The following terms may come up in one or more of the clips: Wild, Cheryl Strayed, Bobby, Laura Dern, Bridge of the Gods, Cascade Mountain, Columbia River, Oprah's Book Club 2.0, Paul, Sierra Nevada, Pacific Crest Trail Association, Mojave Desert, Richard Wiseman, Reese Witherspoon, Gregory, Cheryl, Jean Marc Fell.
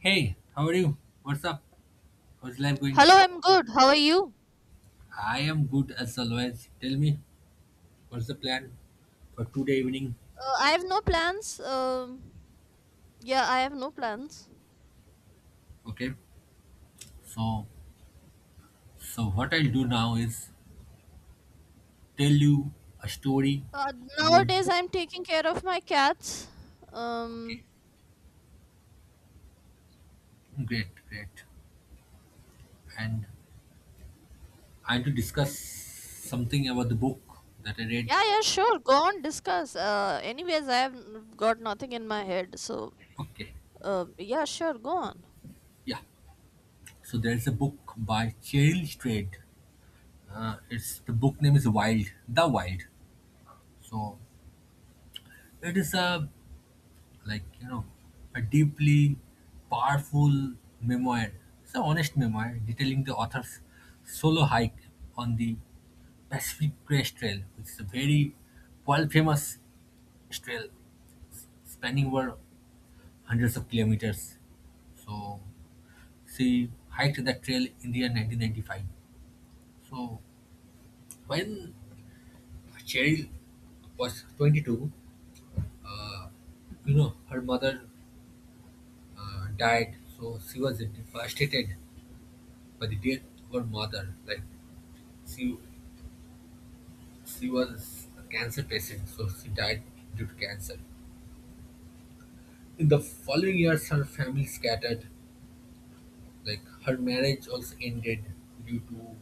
Hey, how are you? What's up? How's life going? Hello, I'm good. How are you? I am good as always. Tell me, what's the plan for today evening? I have no plans. Yeah, I have no plans. Okay. So, so, what I'll do now is tell you a story Uh, about Nowadays, the. I'm taking care of my cats. Okay, Um, great, great. And I want to discuss something about the book that I read. yeah, yeah, sure. Go on, discuss. Anyways, I got nothing in my head. So, Okay, yeah, sure. Go on. yeah. So there's a book by Cheryl Strayed. It's The book name is Wild, The Wild. So it is a like you know a deeply powerful memoir. It's an honest memoir detailing the author's solo hike on the Pacific Crest Trail, which is a very world famous trail spanning over hundreds of kilometers. So she hiked that trail in the year 1995. So when Cheryl was 22, uh, her mother died, so she was devastated. But the death of her mother, like, she she was a cancer patient, so she died due to cancer. In the following years, her family scattered. Like, her marriage also ended due to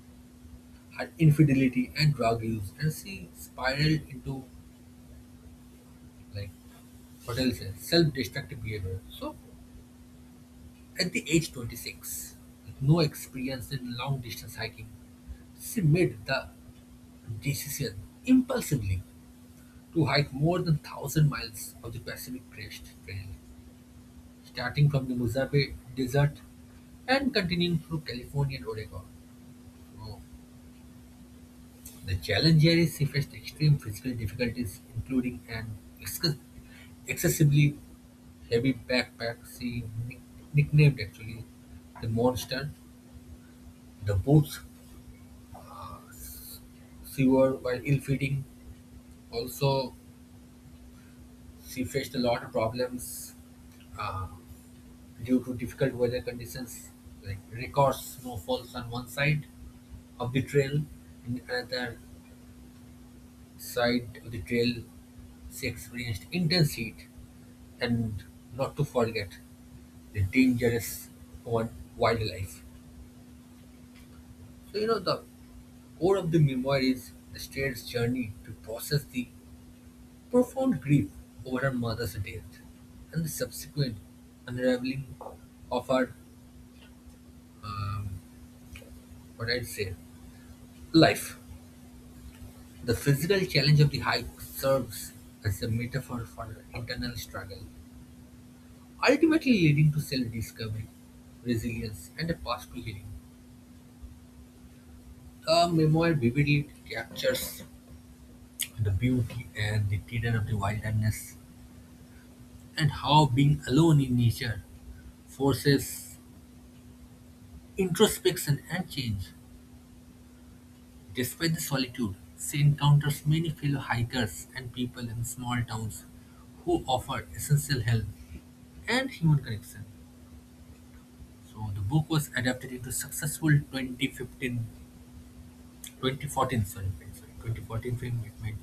her infidelity and drug use, and she spiraled into, like, what else, self-destructive behavior. So, at the age 26, with no experience in long-distance hiking, she made the decision impulsively to hike more than 1,000 miles of the Pacific Crest Trail, starting from the Mojave Desert and continuing through California and Oregon. So, the challenge here is she faced extreme physical difficulties, including an exc- excessively heavy backpack she nick- nicknamed actually the monster. The boots, uh, she wore, while ill-fitting, also, she faced a lot of problems uh, due to difficult weather conditions, like record snowfalls on one side of the trail, and another side of the trail, she experienced intense heat, and not to forget the dangerous one wildlife. So the core of the memoir is the strange journey to process the profound grief over her mother's death and the subsequent unraveling of her, um, what I'd say, life. The physical challenge of the hike serves as a metaphor for her internal struggle, ultimately leading to self discovery, resilience, and a path to healing. The memoir vividly captures the beauty and the terror of the wilderness and how being alone in nature forces introspection and change. Despite the solitude, she encounters many fellow hikers and people in small towns who offer essential help and human connection. So the book was adapted into successful 2015 2014 sorry, sorry 2014 film. It made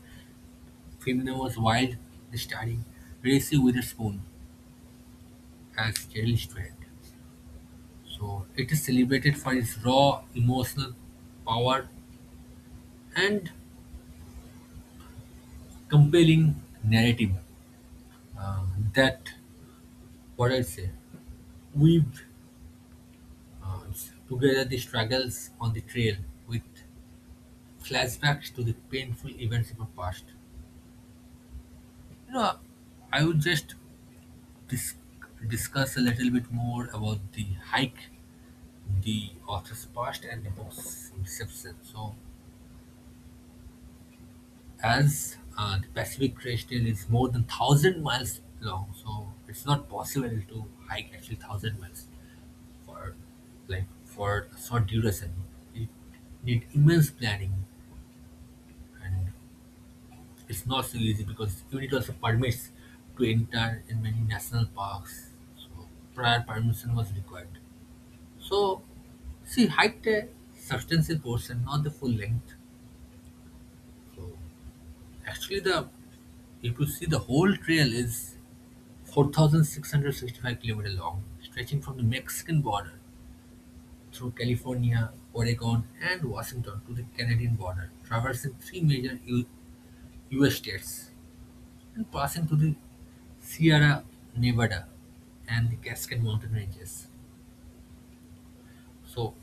Femina was Wild, starring Reese Witherspoon as Cheryl Strand. So it is celebrated for its raw emotional power and compelling narrative, uh, that, what I say, weaved together the struggles on the trail with flashbacks to the painful events of our past. You know, I would just dis- discuss a little bit more about the hike, the author's past, and the book's inception. So, as the Pacific Crest Trail is more than 1,000 miles long, so it's not possible to hike actually 1,000 miles for for a short duration. It need immense planning, and it's not so easy because you need also permits to enter in many national parks. So prior permission was required. So she hiked a substantial portion, not the full length. So actually, the if you see, the whole trail is 4,665 kilometer long, stretching from the Mexican border through California, Oregon, and Washington to the Canadian border, traversing three major U.S. states, and passing through the Sierra Nevada and the Cascade Mountain ranges. So,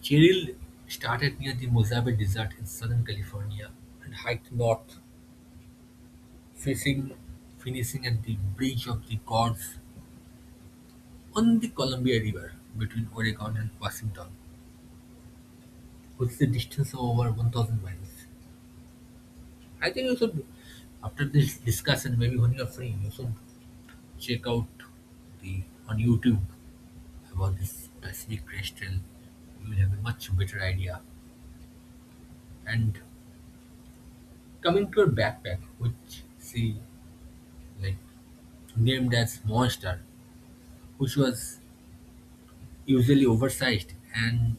Cheryl started near the Mojave Desert in Southern California and hiked north, facing, finishing at the Bridge of the Gods on the Columbia River between Oregon and Washington, which is a distance of over 1,000 miles. I think you should, after this discussion, maybe when you're free, you should check out the on YouTube about this specific question; you will have a much better idea. And coming to your backpack, which she, like, named as Monster, which was usually oversized and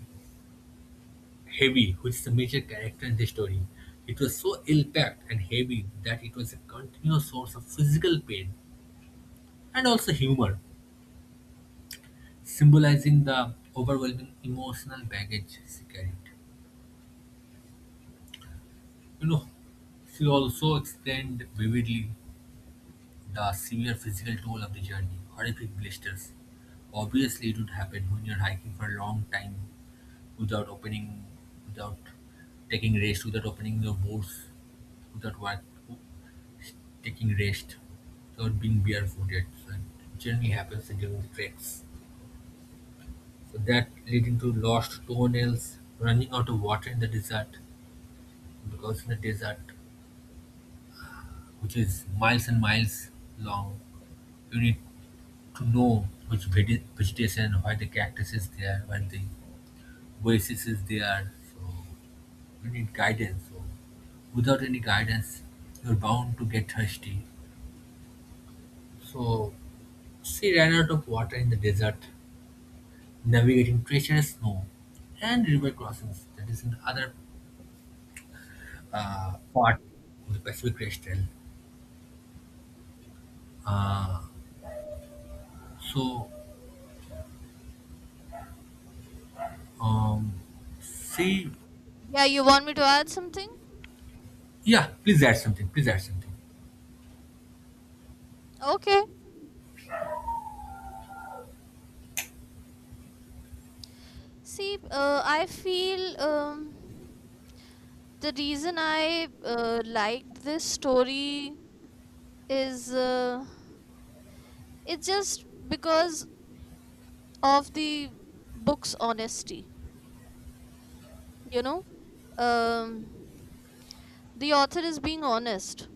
heavy, which is a major character in the story. It was so ill-packed and heavy that it was a continuous source of physical pain and also humor, symbolizing the overwhelming emotional baggage she carried. You know, she also explained vividly the severe physical toll of the journey, horrific blisters. Obviously, it would happen when you're hiking for a long time without opening, without taking rest, without opening your boots, without what, taking rest, without being barefooted. So it generally happens during the treks. So that leading to lost toenails, running out of water in the desert, because in the desert, which is miles and miles long, you need to know which vegetation, why the cactus is there, why the oasis is there. So you need guidance. So without any guidance, you're bound to get thirsty. So she ran out of water in the desert, navigating treacherous snow and river crossings. That is another, part of the Pacific Crest Trail. Uh, so um, she Yeah, you want me to add something? yeah, please add something. Please add something. Okay. See, I feel the reason I liked this story is it's just because of the book's honesty. You know, um, the author is being honest.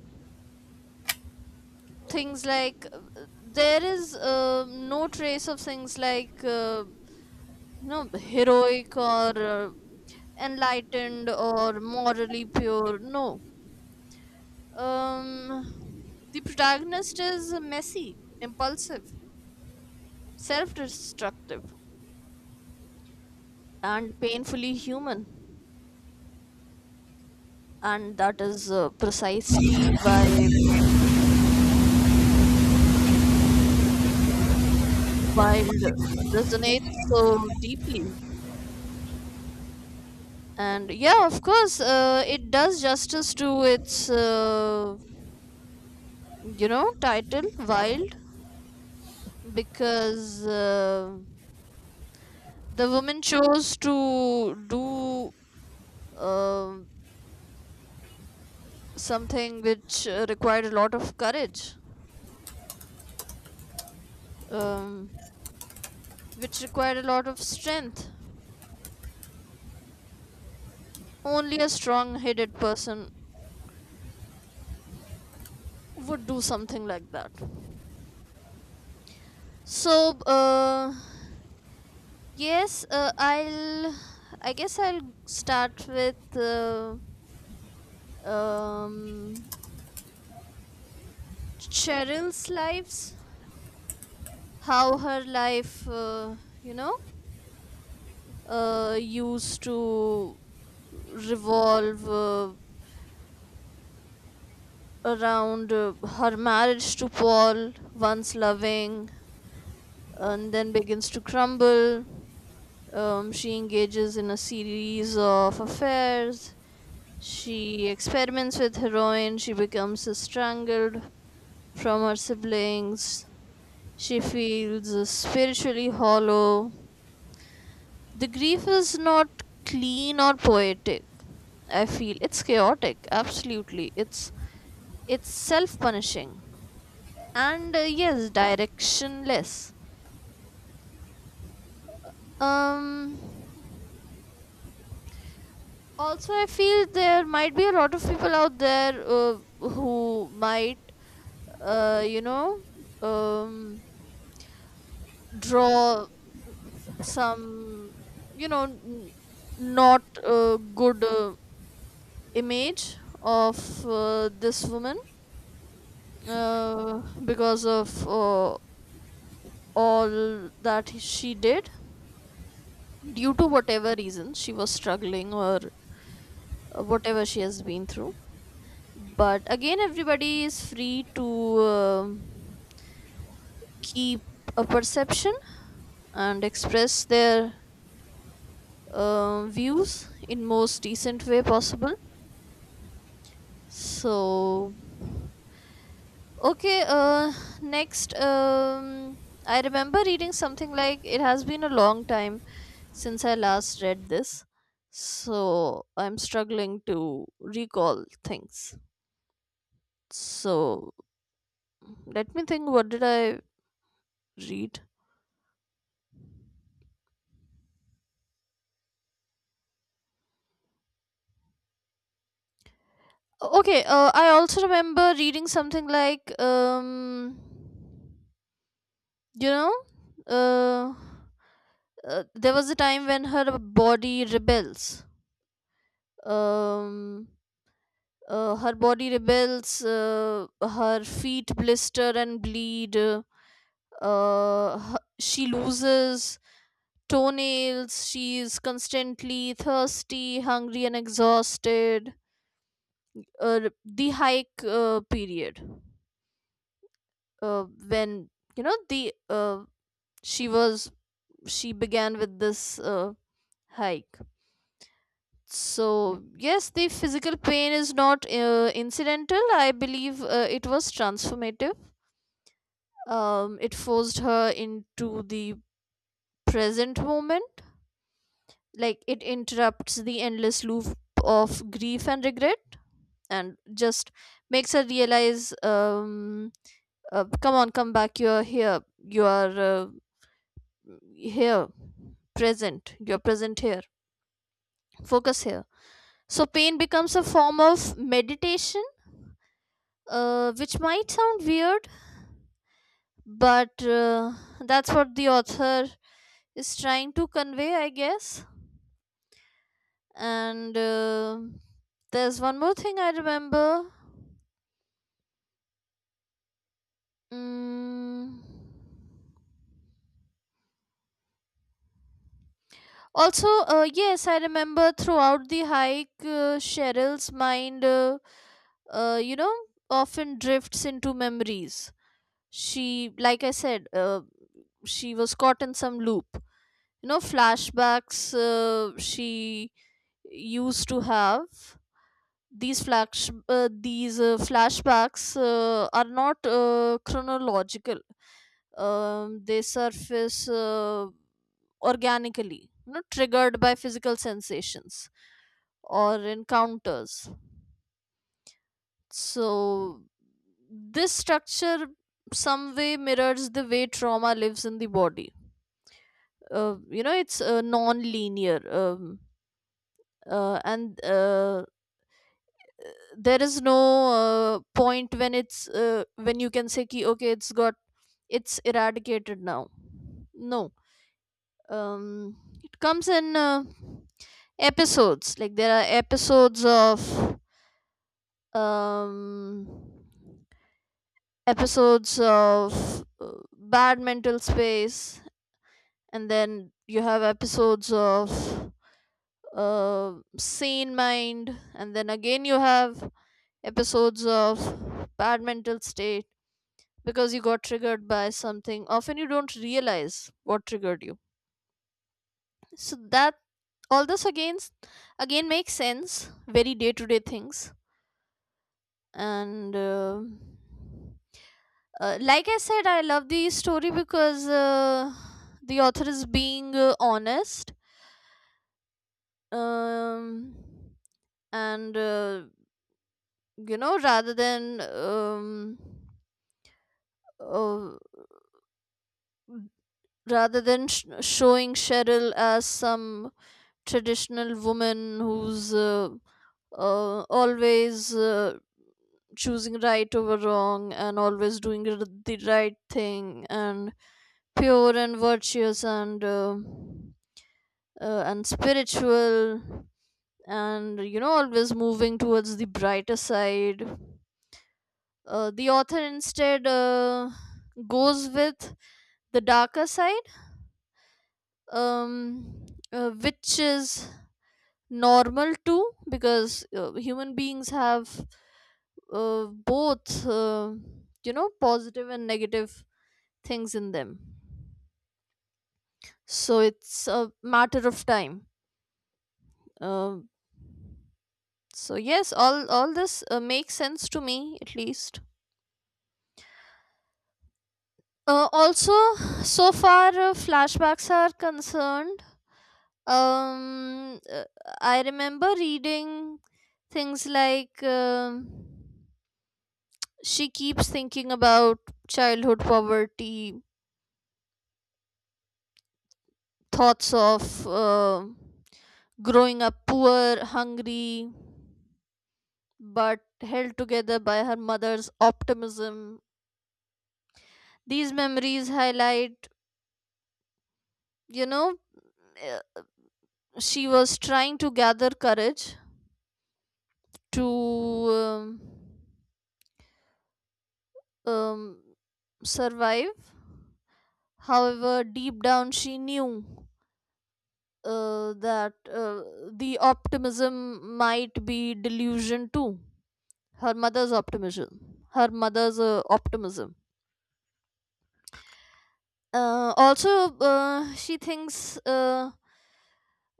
Things like there is no trace of things like no heroic or enlightened or morally pure. No, um, the protagonist is messy, impulsive, self-destructive, and painfully human. And that is precisely why wild resonates so deeply, and yeah, of course, it does justice to its title wild because the woman chose to do um something which required a lot of courage, um, which required a lot of strength. Only a strong headed person would do something like that. so uh Yes, uh, I'll. I guess I'll start with um, Cheryl's lives. How her life, you know, used to revolve around her marriage to Paul, once loving, and then begins to crumble. She engages in a series of affairs. She experiments with heroin. She becomes strangled from her siblings. She feels spiritually hollow. The grief is not clean or poetic. I feel it's chaotic. Absolutely, it's self-punishing and yes, directionless. Um, also, I feel there might be a lot of people out there who might, uh, you know um, draw some, you know n- not a good image of, this woman, uh, because of all that she did due to whatever reason she was struggling or whatever she has been through. But again, everybody is free to um keep a perception and express their views in most decent way possible. So, okay, next, I remember reading something like it has been a long time since I last read this, so I'm struggling to recall things. So let me think, what did I read? Okay, I also remember reading something like, you know, uh, there was a time when her body rebels. Um, her body rebels, her feet blister and bleed. She loses toenails. She is constantly thirsty, hungry, and exhausted. The hike period. Uh, when, you know the she was she began with this hike, so yes, the physical pain is not incidental, I believe it was transformative. Um, it forced her into the present moment, like it interrupts the endless loop of grief and regret, and just makes her realize, come on, come back, you're here, you are here, present, you're present here, focus here. So pain becomes a form of meditation, which might sound weird, but that's what the author is trying to convey, I guess. And there's one more thing I remember. mm, Also, yes, I remember throughout the hike, Cheryl's mind, uh, you know, often drifts into memories. She, like I said, she was caught in some loop. You know, flashbacks she used to have. These flashbacks are not chronological. Um, they surface organically, you know, triggered by physical sensations or encounters. So this structure some way mirrors the way trauma lives in the body. It's non-linear, and there is no point when it's when you can say, ki, okay, it's eradicated now. No, um, it comes in episodes. Like there are um, episodes of bad mental space, and then you have episodes of sane mind, and then again you have episodes of bad mental state because you got triggered by something, often you don't realize what triggered you. So that all this, again, makes sense. Very day to day things. And like I said, I love the story because the author is being honest, um, and rather than, uh, rather than showing Cheryl as some traditional woman who's always choosing right over wrong and always doing the right thing and pure and virtuous and spiritual, and you know, always moving towards the brighter side. The author instead goes with the darker side, um, which is normal too because human beings have both, positive and negative things in them. So it's a matter of time. uh, so yes, all this makes sense to me, at least. Also, so far flashbacks are concerned, um uh, I remember reading things like, she keeps thinking about childhood poverty, thoughts of growing up poor, hungry, but held together by her mother's optimism. These memories highlight, you know, uh, she was trying to gather courage to, um, um, survive. However, deep down, she knew that the optimism might be delusion too. Her mother's optimism. Her mother's optimism. Also, she thinks, uh,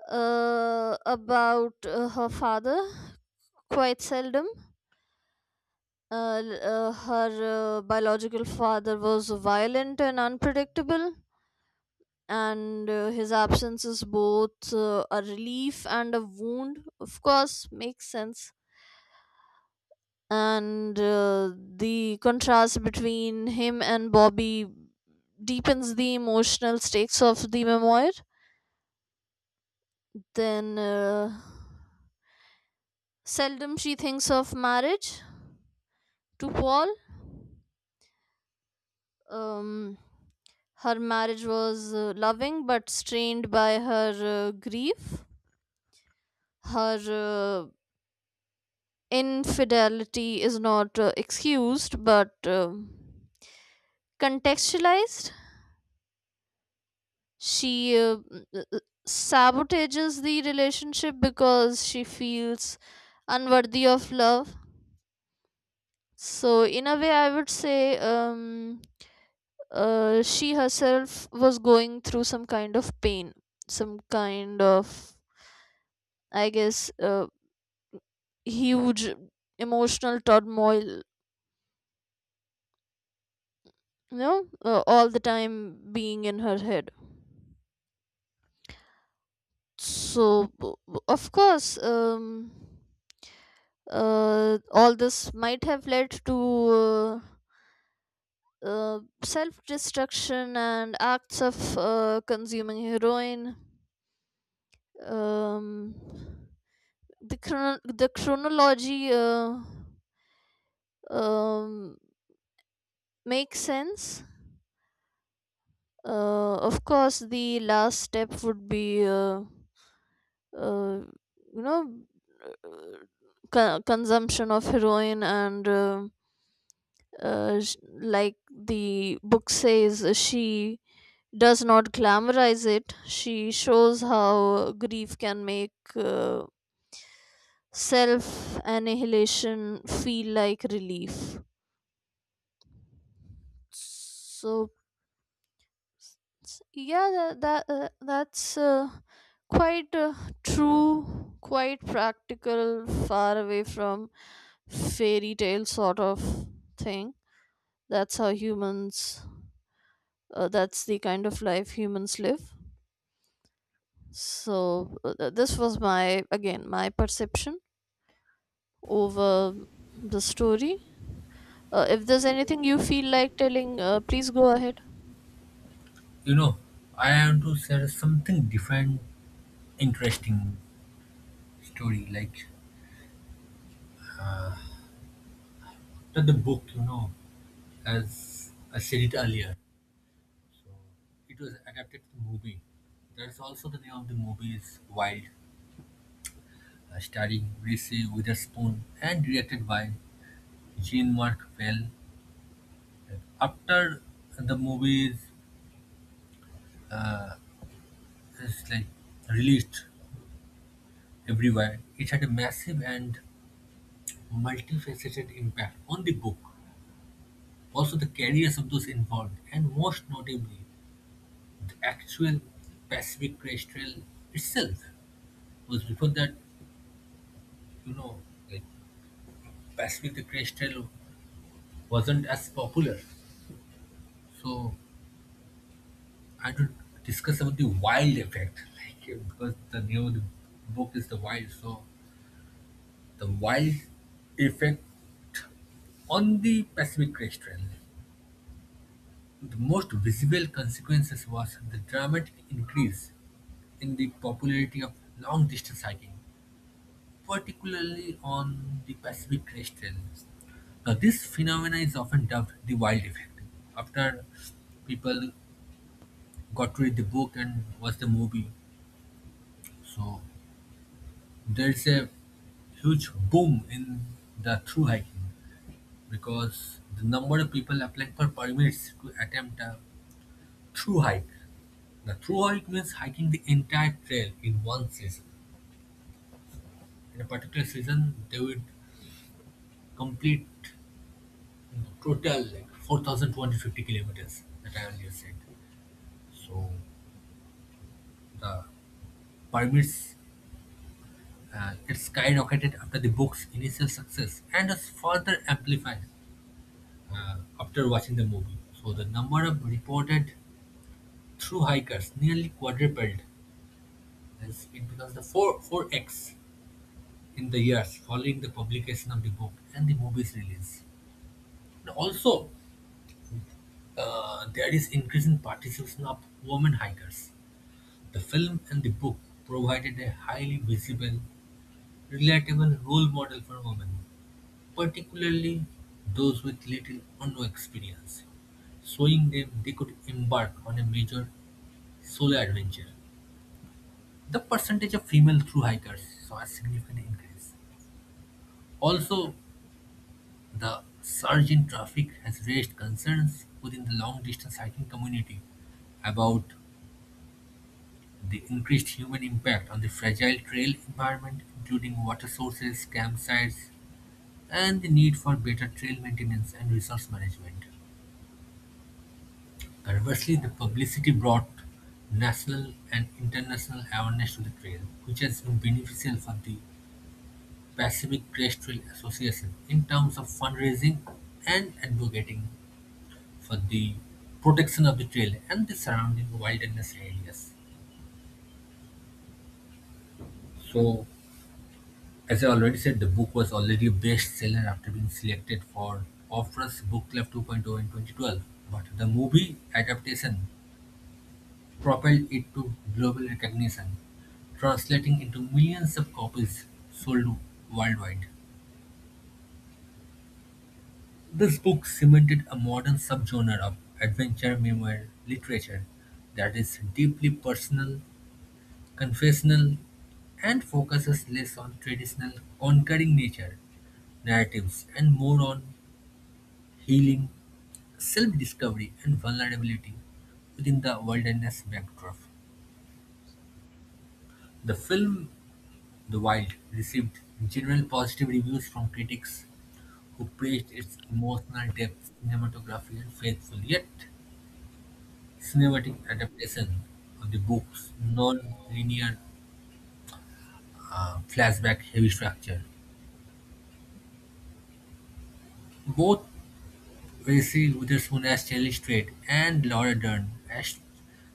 uh, about her father quite seldom. Her biological father was violent and unpredictable, and his absence is both a relief and a wound. Of course, makes sense. And the contrast between him and Bobby deepens the emotional stakes of the memoir. Then seldom she thinks of marriage to Paul. Um, her marriage was loving but strained by her grief. Her infidelity is not excused, but contextualized. She sabotages the relationship because she feels unworthy of love. So, in a way, I would say, she herself was going through some kind of pain, some kind of, I guess, huge emotional turmoil, all the time being in her head. So, of course, all this might have led to self destruction and acts of consuming heroin. Um, the chronology, um, makes sense. Of course, the last step would be, uh, you know, uh, consumption of heroin, and, like the book says, she does not glamorize it. She shows how grief can make self annihilation feel like relief. So, yeah, that's quite true, quite practical, far away from fairy tale sort of thing. That's how humans, that's the kind of life humans live. So this was my, again, my perception over the story. If there's anything you feel like telling, please go ahead. You know, I want to share something different, interesting story. Like that the book, as I said it earlier. So it was adapted to movie. There's also, the name of the movie is Wild, starring Reese Witherspoon and directed by Jean Mark Fell. After the movie is like released everywhere, it had a massive and multifaceted impact on the book, also the careers of those involved, and most notably, the actual Pacific Crest Trail itself. Was before that, you know, like, Pacific the Crest Trail wasn't as popular. So I had to discuss about the wild effect, like, because the name of the book is the wild. So the wild effect on the Pacific Crest Trail. The most visible consequences was the dramatic increase in the popularity of long distance hiking, particularly on the Pacific crest ranges. Now, this phenomena is often dubbed the wild effect. After people got to read the book and watch the movie, so there's a huge boom in the through hiking, because the number of people applying for permits to attempt a through hike. The through hike means hiking the entire trail in one season. In a particular season, they would complete. No, Total, like, 4,250 kilometers that I earlier said. So the permits, it skyrocketed after the book's initial success and was further amplified after watching the movie. So the number of reported through hikers nearly quadrupled, as it becomes the 4 4x in the years following the publication of the book and the movie's release. And also, there is increasing participation of women hikers. The film and the book provided a highly visible, relatable role model for women, particularly those with little or no experience, showing them they could embark on a major solo adventure. The percentage of female thru hikers saw a significant increase. Also, the surge in traffic has raised concerns within the long distance hiking community about the increased human impact on the fragile trail environment, including water sources, campsites, and the need for better trail maintenance and resource management. Conversely, the publicity brought national and international awareness to the trail, which has been beneficial for the Pacific Crest Trail Association in terms of fundraising and advocating for the protection of the trail and the surrounding wilderness areas. So, as I already said, the book was already a bestseller after being selected for Oprah's Book Club 2.0 in 2012, but the movie adaptation propelled it to global recognition, translating into millions of copies sold worldwide. This book cemented a modern subgenre of adventure memoir literature that is deeply personal, confessional, and focuses less on traditional conquering nature narratives and more on healing, self-discovery, and vulnerability within the wilderness backdrop. The film The Wild received general positive reviews from critics who praised its emotional depth, cinematography, and faithful yet cinematic adaptation of the book's non-linear, flashback-heavy structure. Both Reese Witherspoon as Shelley Strait and Laura Dern as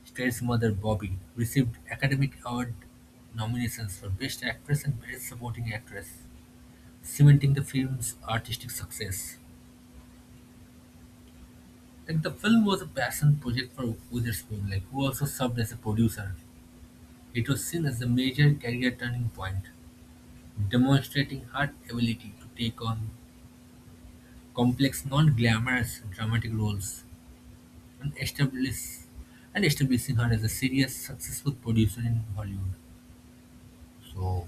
Strait's mother Bobby received Academy Award nominations for Best Actress and Best Supporting Actress, cementing the film's artistic success. Like, the film was a passion project for Witherspoon, like, who also served as a producer. It was seen as a major career turning point, demonstrating her ability to take on complex, non-glamorous dramatic roles, and establish and establishing her as a serious, successful producer in Hollywood. So,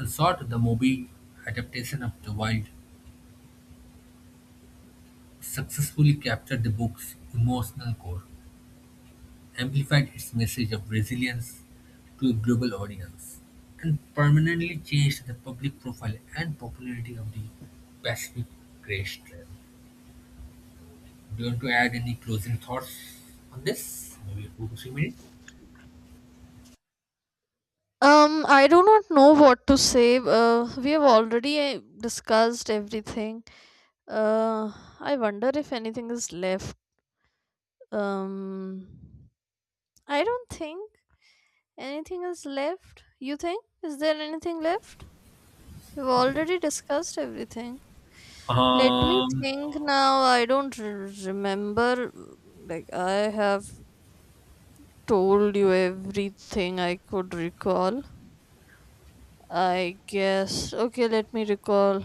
in short, the movie adaptation of The Wild successfully captured the book's emotional core, amplified its message of resilience to a global audience, and permanently changed the public profile and popularity of the Pacific Crest Trail. Do you want to add any closing thoughts on this? Maybe 2 to 3 minutes. I do not know what to say. We have already discussed everything. Uh, I wonder if anything is left. Um, I don't think anything is left. You think? Is there anything left? We've already discussed everything. Let me Um, think now. I don't remember. Like, I have told you everything I could recall, I guess. Okay, let me recall.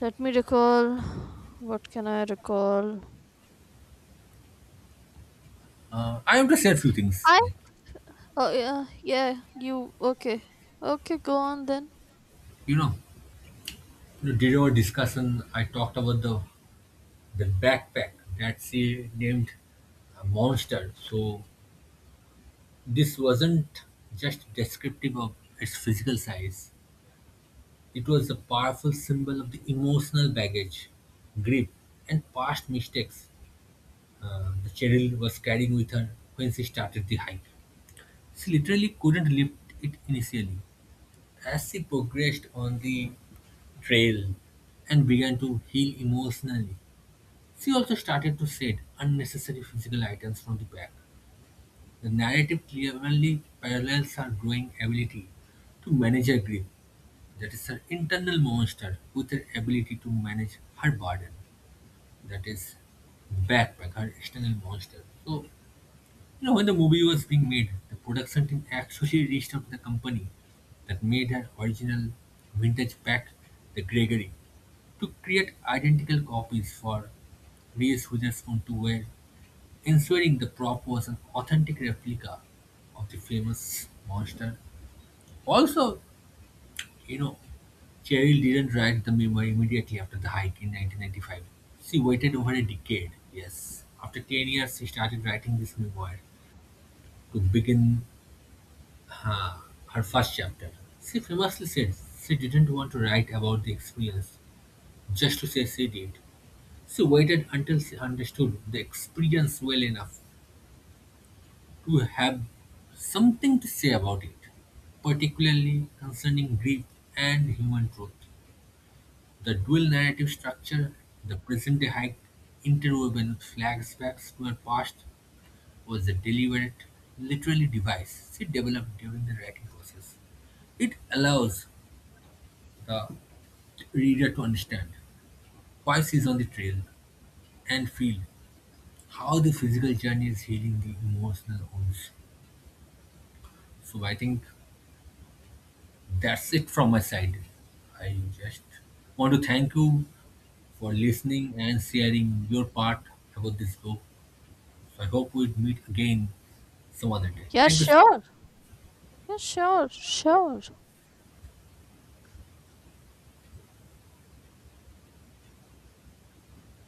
Let me recall. What can I recall? I want to say a few things. I Oh, yeah, yeah. You okay? Okay, go on then. You know, During our discussion, I talked about the backpack that she named a monster. So this wasn't just descriptive of its physical size. It was a powerful symbol of the emotional baggage, grief, and past mistakes, the Cheryl was carrying with her when she started the hike. She literally couldn't lift it initially. As she progressed on the trail and began to heal emotionally, she also started to shed unnecessary physical items from the pack. The narrative clearly parallels her growing ability to manage her grief, that is, her internal monster, with her ability to manage her burden, that is, backpack, her external monster. So, when the movie was being made, the production team actually reached out to the company that made her original vintage pack, the Gregory, to create identical copies for Reese Witherspoon to wear, ensuring the prop was an authentic replica of the famous monster. Also, you know, Cheryl didn't write the memo immediately after the hike in 1995. She waited over a decade, yes. After 10 years, she started writing this memoir to begin, uh, her first chapter. She famously said she didn't want to write about the experience just to say she did. She waited until she understood the experience well enough to have something to say about it, particularly concerning grief and human truth. The dual narrative structure, the present day hike interwoven flashbacks to her past, was a deliberate, literally device she developed during the writing process. It allows the reader to understand why she's on the trail and feel how the physical journey is healing the emotional wounds. So I think, that's it from my side. I just want to thank you for listening and sharing your part about this book. So I hope we meet again some other day. Yeah, Thank you. So sure. Yeah, sure, sure.